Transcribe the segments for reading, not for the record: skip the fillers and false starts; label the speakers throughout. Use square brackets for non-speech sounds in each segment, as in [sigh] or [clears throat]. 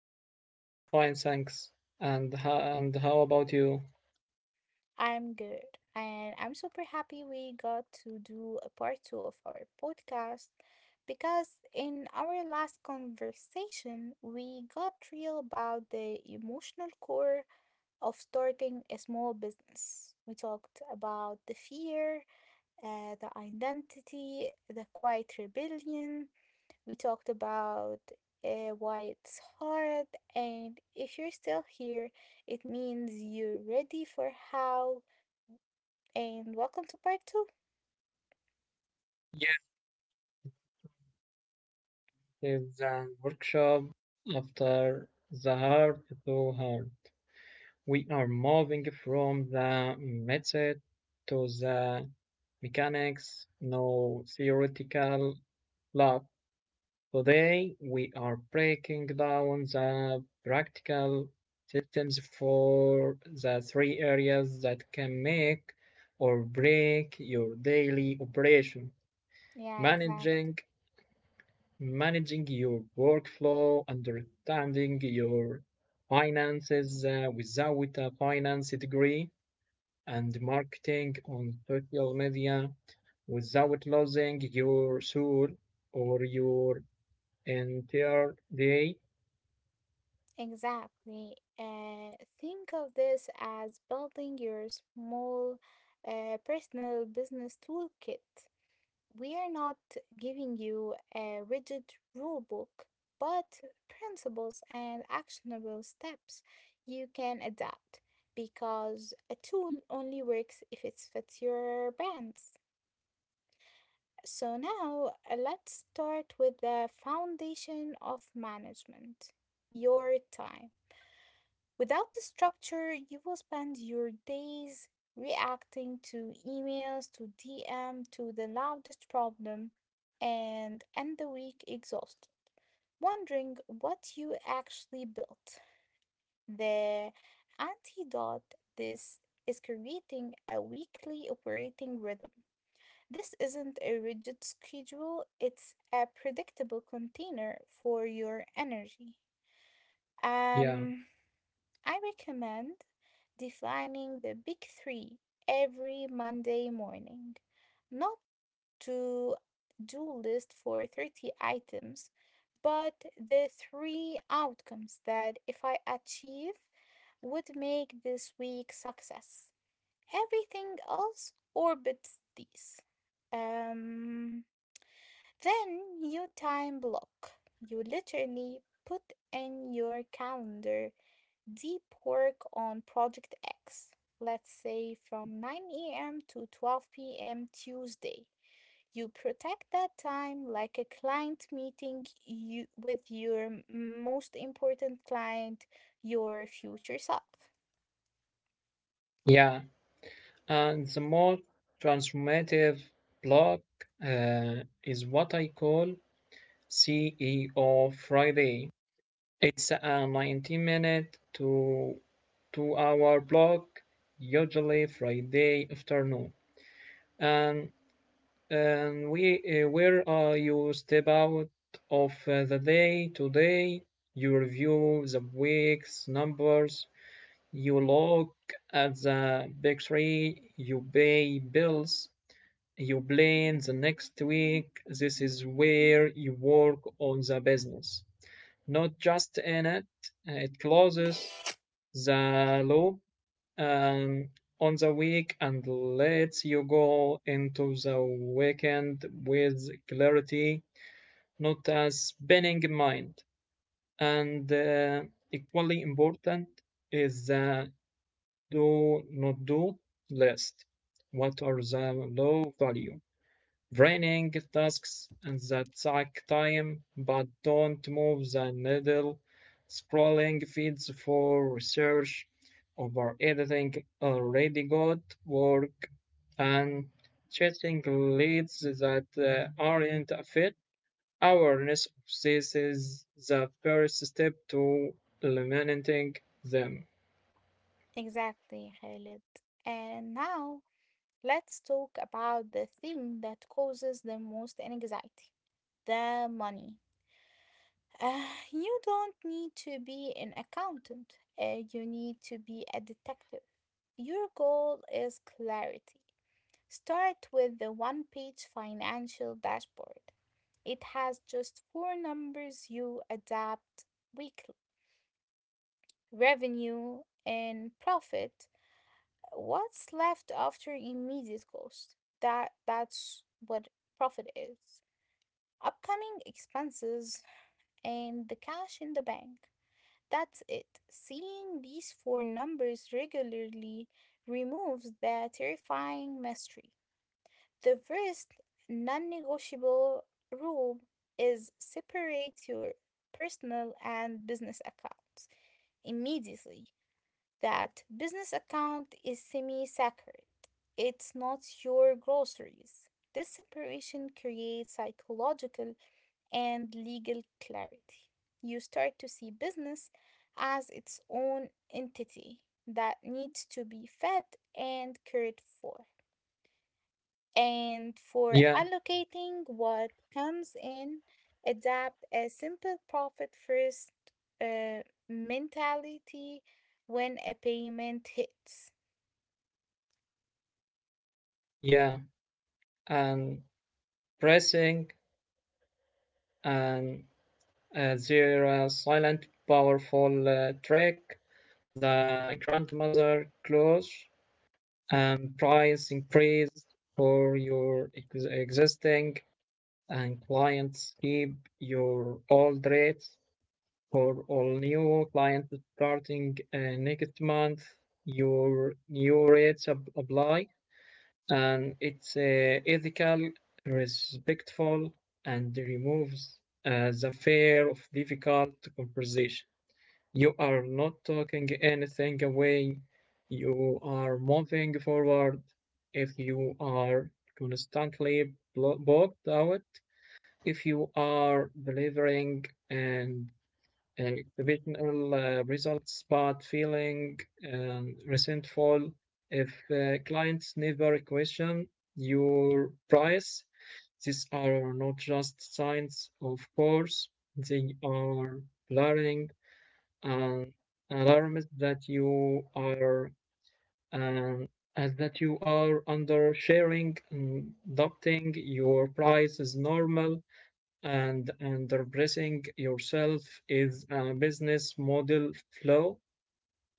Speaker 1: girl. I am fine, thanks. And how about you?
Speaker 2: I'm good, and I'm super happy we got to do a part two of our podcast because in our last conversation, we got real about the emotional core of starting a small business. We talked about the fear, the identity, the quiet rebellion. We talked about why it's hard, and if you're still here, it means you're ready for how and welcome to part two.
Speaker 1: Yes, the workshop after the heart to heart. We are moving from the method to the mechanics, no theoretical lab. Today we are breaking down the practical items for the three areas that can make or break your daily operation.
Speaker 2: Yeah, exactly.
Speaker 1: Managing managing your workflow, understanding your finances without a finance degree, and marketing on social media without losing your soul or your entire day.
Speaker 2: Exactly. Think of this as building your small personal business toolkit. We are not giving you a rigid rule book, but principles and actionable steps you can adapt because a tool only works if it fits your brands. So now let's start with the foundation of management, your time. Without the structure, you will spend your days reacting to emails, to DM, to the loudest problem, and end the week exhausted, wondering what you actually built. The antidote this is creating a weekly operating rhythm. This isn't a rigid schedule, it's a predictable container for your energy.
Speaker 1: Yeah,
Speaker 2: Um, I recommend defining the big three every Monday morning, not to do list for 30 items, but the three outcomes that if I achieve would make this week success. Everything else orbits these. Um, then you time block. You literally put in your calendar deep work on project X. Let's say from 9 a.m. to 12 p.m. Tuesday. You protect that time like a client meeting you, with your most important client, your future self.
Speaker 1: yeah. And the more transformative block uh, is what I call CEO Friday. It's a 90 minute to 2 hour block, usually Friday afternoon. And, and we, where you step out of the day today, you review the week's numbers, you look at the big three, you pay bills, you plan the next week. This is where you work on the business, not just in it. It closes the loop um, on the week and lets you go into the weekend with clarity, not a spinning mind. And equally important is the do not do list. What are the low value? Running tasks that take time but don't move the needle, scrolling feeds for research, over editing already good work, and chasing leads that aren't a fit. Awareness of this is the first step to eliminating them.
Speaker 2: Exactly, Khalid. And now let's talk about the thing that causes the most anxiety the money. Uh, you don't need to be an accountant, you need to be a detective. Your goal is clarity. Start with the one page financial dashboard. It has just four numbers you adapt weekly revenue and profit. What's left after immediate cost? That's what profit is. Upcoming expenses and the cash in the bank. That's it. Seeing these four numbers regularly removes the terrifying mystery. The first non-negotiable rule is separate your personal and business accounts immediately. That business account is semi sacred. It's not your groceries. This separation creates psychological and legal clarity. You start to see business as its own entity that needs to be fed and cared for. And for
Speaker 1: Yeah,
Speaker 2: allocating what comes in, adapt a simple profit first uh, mentality when a payment hits.
Speaker 1: yeah, and pressing and their silent, powerful track, the grandmother clause, and price increase for your existing and clients keep your old rates for all new clients starting next month. Your new rates apply, and it's ethical, respectful, and removes the fear of difficult conversation. You are not talking anything away. You are moving forward. If you are constantly bogged out, if you are delivering and uh, results but feeling resentful, if clients never question your price, these are not just signs, of course, they are blurring um, an alarms that you are um, as that you are under sharing and adopting your price is normal and underpricing yourself is a business model flaw.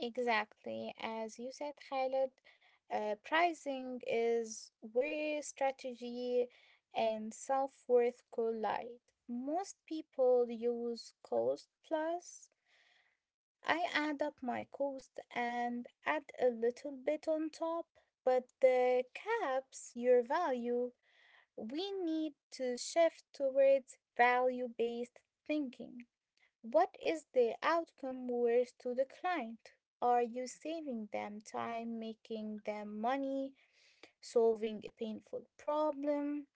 Speaker 2: Exactly. As you said, Khaled, pricing is where strategy and self-worth collide. Most people use cost plus. I add up my cost and add a little bit on top, but the caps your value. We need to shift towards value-based thinking. What is the outcome worth to the client? Are you saving them time, making them money, solving a painful problem?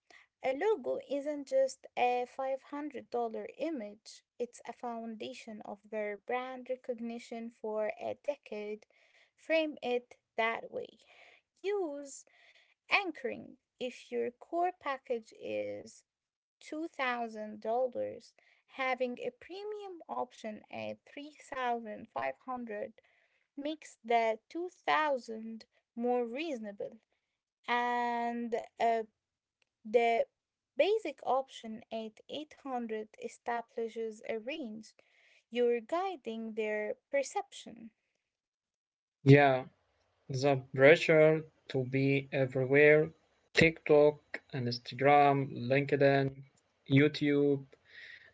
Speaker 2: A logo isn't just a $500 image, it's a foundation of their brand recognition for a decade. Frame it that way. Use anchoring. If your core package is $2,000, having a premium option at 3,500 makes the 2000 more reasonable and uh, the basic option at 800 establishes a range you're guiding their perception
Speaker 1: Yeah, the pressure to be everywhere, TikTok, Instagram, LinkedIn, YouTube,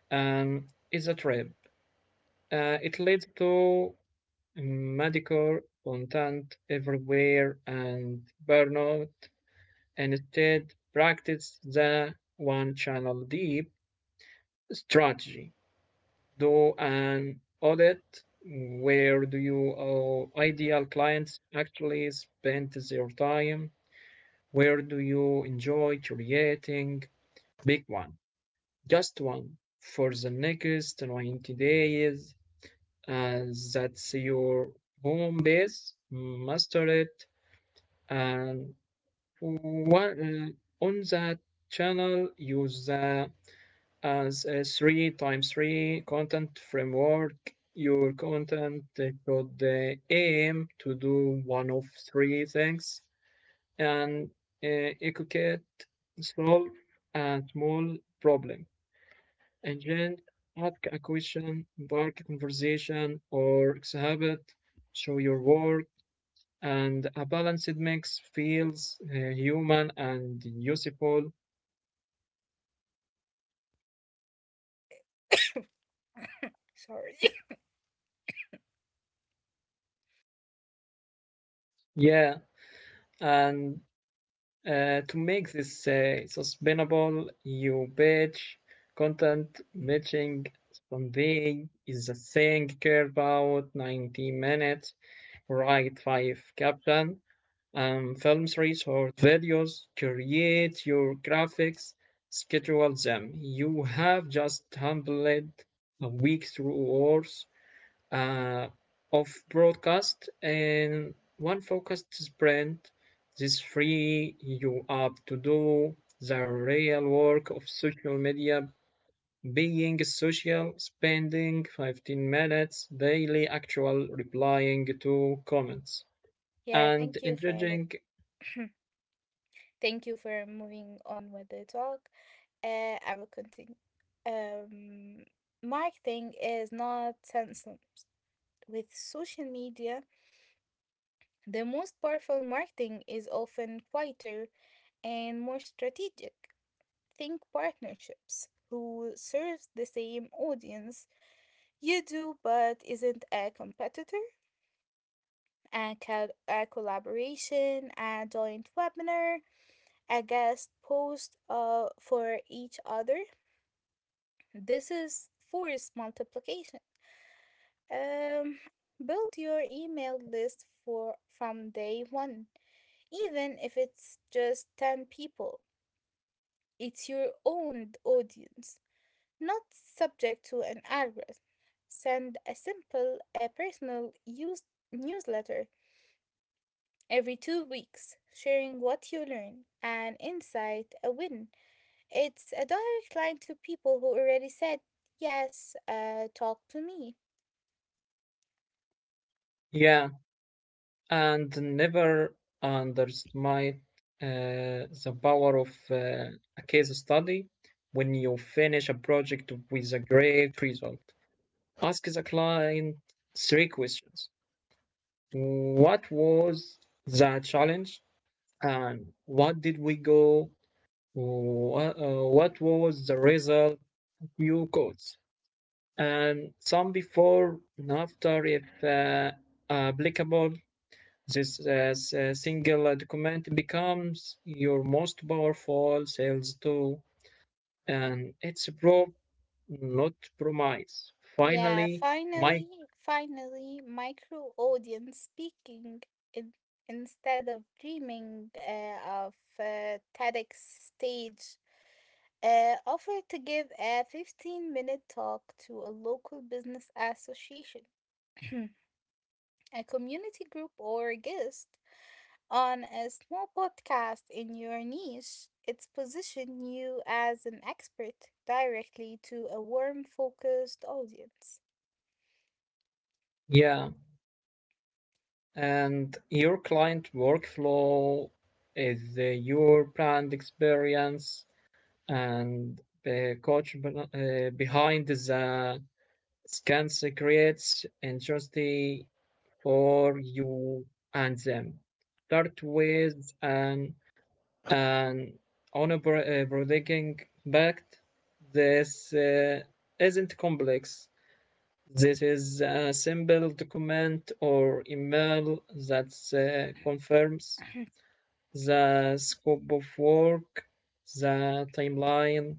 Speaker 1: and is a trip. It leads to mediocre content everywhere and burnout. And Instead, practice the one channel deep strategy. Do an audit. Where do your ideal clients actually spend their time? Where do you enjoy creating? Pick one, just one, for the next 90 days. As that's your home base. Master it and one, on that channel use the as a 3 times 3 content framework your content should aim to do one of three things and educate solve a small problem engage ask a question spark a conversation or exhibit show your work and a balanced mix feels human and useful.
Speaker 2: sorry.
Speaker 1: Yeah, and to make this sustainable, you batch content matching someday is a thing care about 90 minutes, write five caption, films, research, videos, create your graphics, schedule them. You have just handled a week through hours uh, of broadcast and one focused sprint. This free you up to do the real work of social media, being social, spending 15 minutes daily actual replying to comments
Speaker 2: [laughs] Yeah,
Speaker 1: and
Speaker 2: thank you, Khaled.
Speaker 1: engaging.
Speaker 2: [clears throat] Thank you for moving on with the talk. I will continue. Um, Marketing is not censored. With social media, the most powerful marketing is often quieter and more strategic. Think partnerships who serves the same audience you do but isn't a competitor, a collaboration, a joint webinar, a guest post for each other. This is forced multiplication. Um, Build your email list for from day one, even if it's just 10 people. It's your own audience, not subject to an algorithm. Send a simple, a personal use newsletter every 2 weeks, sharing what you learn, an insight, a win. It's a direct line to people who already said, yes, talk to me.
Speaker 1: Yeah, and never underestimate the power of a case study when you finish a project with a great result. Ask the client three questions. What was the challenge? And what did we go? What was the result you got? And some before and after, if applicable. This s- single document becomes your most powerful sales tool and it's pro, not promise.
Speaker 2: Yeah,
Speaker 1: Finally, my
Speaker 2: finally, finally, micro audience speaking in, instead of dreaming of TEDx stage, offer to give a 15-minute talk to a local business association, [clears throat] a community group, or a guest on a small podcast in your niche. It's position you as an expert directly to a warm, focused audience.
Speaker 1: yeah, and your client workflow is your brand experience and the coach behind the scans creates interesting for you and them. Start with an and on a bro- uh, this isn't complex. This is a simple document or email that confirms the scope of work, the timeline,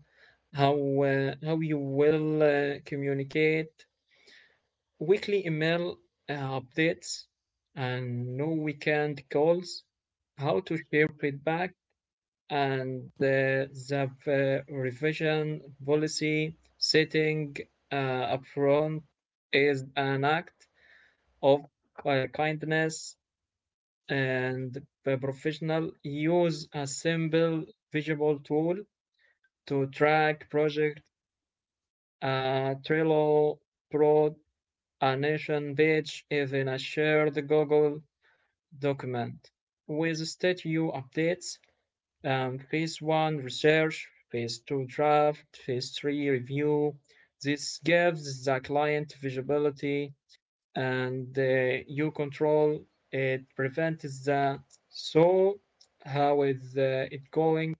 Speaker 1: how how you will communicate, weekly email updates and no weekend calls, how to share feedback and the revision policy setting upfront is an act of kindness and the professional. Use a simple visual tool to track project, Trello, Pro, a nation page, even a shared Google document. With statue updates, phase one research, phase two draft, phase three review. This gives the client visibility and you control. It prevents the "so how is it going"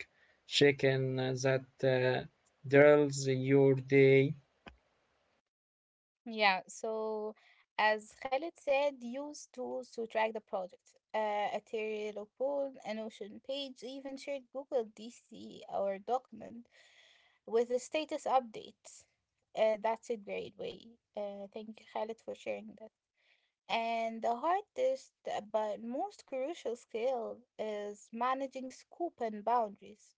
Speaker 1: checking that drills your day.
Speaker 2: Yeah, so as Khalid said, use tools to track the project. A Trello report, a Notion page, even shared Google DC or document with the status updates. That's a great way. Thank you, Khalid, for sharing that. And the hardest but most crucial skill is managing scope and boundaries.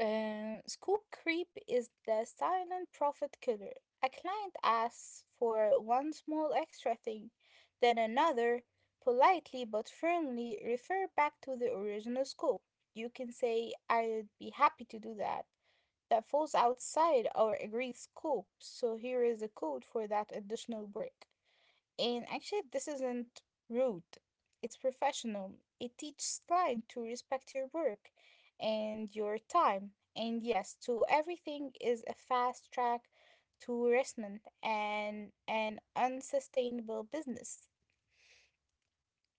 Speaker 2: Scoop creep is the silent profit killer. A client asks for one small extra thing, then another, politely but firmly refer back to the original scope. You can say, I'd be happy to do that. That falls outside our agreed scope, so here is the code for that additional work. And actually, this isn't rude, it's professional. It teaches client to respect your work and your time. And yes, to everything is a fast track to harassment and an unsustainable business.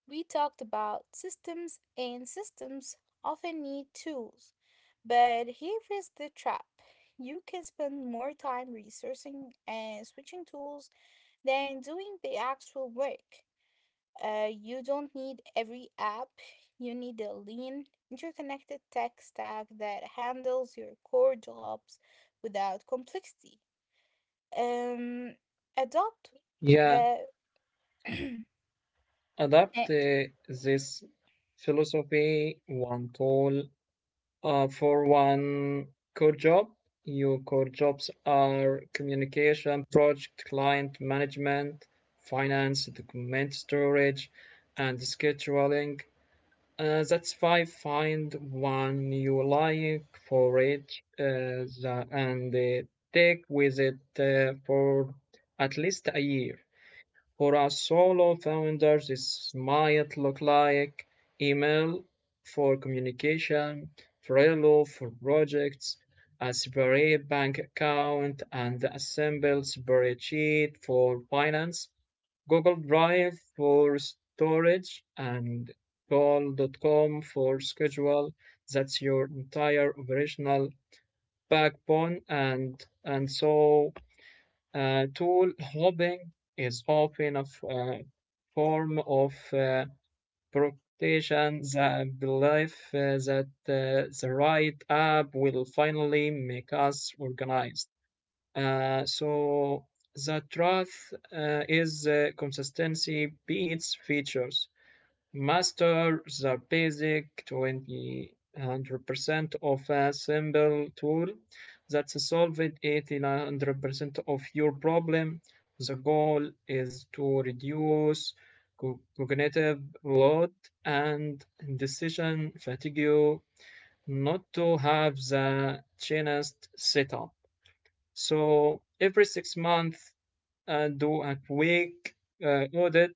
Speaker 2: We talked about systems, and systems often need tools. But here is the trap. You can spend more time researching and switching tools than doing the actual work. You don't need every app. You need a lean, interconnected tech stack that handles your core jobs without complexity. Um, adopt
Speaker 1: Yeah,
Speaker 2: the [clears throat]
Speaker 1: adapt
Speaker 2: Eh,
Speaker 1: this philosophy, one tool for one core job. Your core jobs are communication, project, client management, finance, document storage, and scheduling. That's five. Find one you like for each, the- and take with it for at least a year. For us solo founders, this might look like email for communication, Trello for projects, a separate bank account, and a simple spreadsheet for finance, Google Drive for storage, and call.com for schedule. That's your entire operational backbone, and so tool hopping is often a form of protection, the belief that the right app will finally make us organized. So the truth is consistency beats features. Master the basic 20 100% of a simple tool that solved 80 100% of your problem. The goal is to reduce cognitive load and decision fatigue, not to have the chainest setup. So every 6 months, do a quick audit.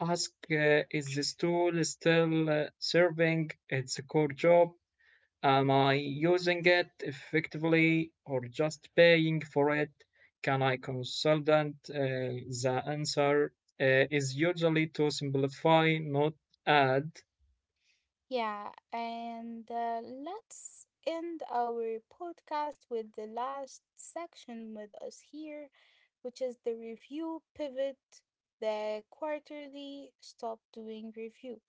Speaker 1: Ask, is this tool still serving its core job? Am I using it effectively or just paying for it? Can I consult it? The answer is usually to simplify, not add.
Speaker 2: yeah, and let's end our podcast with the last section with us here, which is the review pivot, the quarterly stop doing review.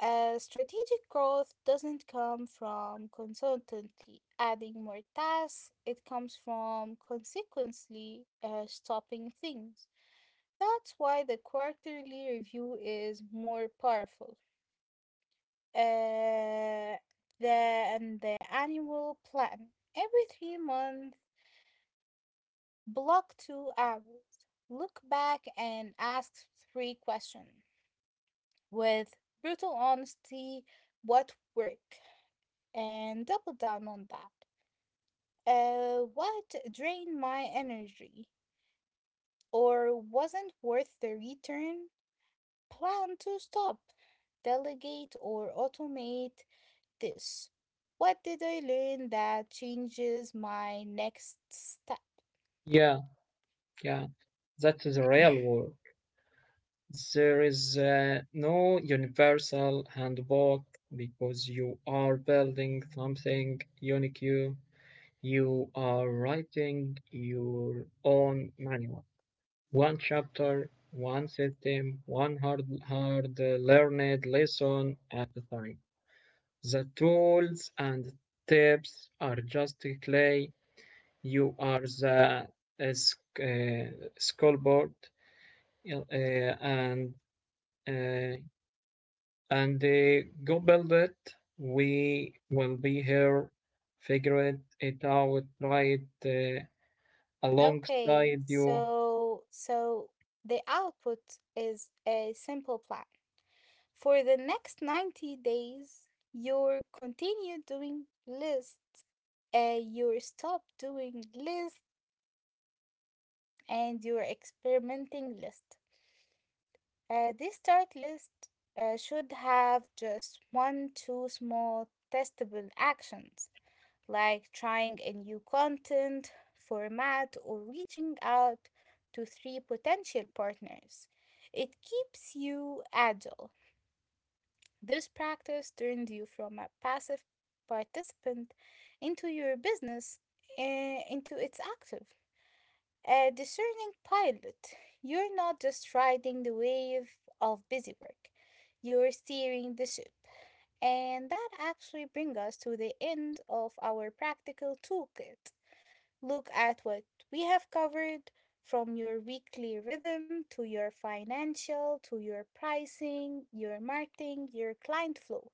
Speaker 2: Strategic growth doesn't come from constantly adding more tasks, it comes from consequently stopping things. That's why the quarterly review is more powerful uh, than the annual plan. Every 3 months, block 2 hours, look back and ask three questions with brutal honesty what worked and double down on that. What drained my energy or wasn't worth the return? Plan to stop, delegate, or automate this. What did I learn that changes my next step?
Speaker 1: Yeah, yeah, that is the real work. There is no universal handbook because you are building something unique. You are writing your own manual. One chapter, one system, one hard learned lesson at a time. The tools and tips are just clay. You are the uh, uh, scoreboard uh, and uh, and go build it. We will be here, figure it out, try it,
Speaker 2: Okay,
Speaker 1: alongside you.
Speaker 2: so so the output is a simple plan. For the next 90 days, you continue doing lists. You stop doing lists, and you're experimenting list. This start list should have just one, two small testable actions, like trying a new content, format, or reaching out to three potential partners. It keeps you agile. This practice turned you from a passive participant into your business, into its active. A discerning pilot, you're not just riding the wave of busy work, you're steering the ship. And that actually brings us to the end of our practical toolkit. Look at what we have covered from your weekly rhythm to your financial, to your pricing, your marketing, your client flow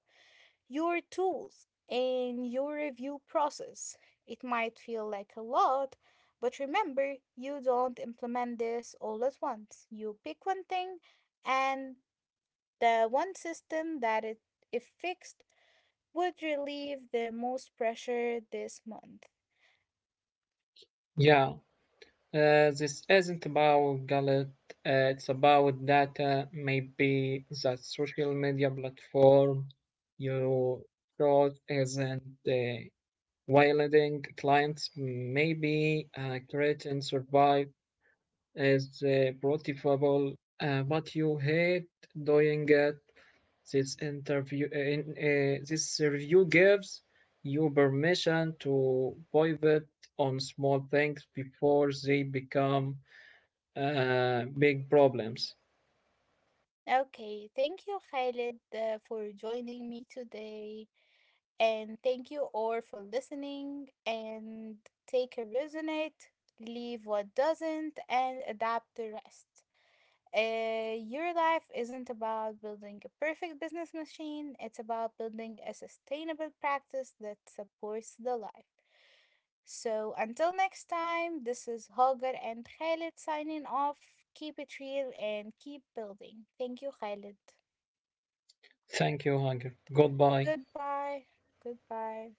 Speaker 2: your tools and your review process. It might feel like a lot, but remember, you don't implement this all at once. You pick one thing and the one system that it if fixed would relieve the most pressure this month.
Speaker 1: Yeah, this isn't about Gallet, it's about data. Maybe that social media platform you chose isn't wielding clients, maybe create and survive is profitable, but you hate doing it. This review gives you permission to pivot on small things before they become big problems.
Speaker 2: Okay, thank you, Khalid, for joining me today. And thank you all for listening. And take a resonate, leave what doesn't, and adapt the rest. Your life isn't about building a perfect business machine, it's about building a sustainable practice that supports the life. So until next time, this is Hagar and Khalid signing off. Keep it real and keep building. Thank you, Khalid.
Speaker 1: Thank you, Hunger. Goodbye.
Speaker 2: Goodbye. Goodbye.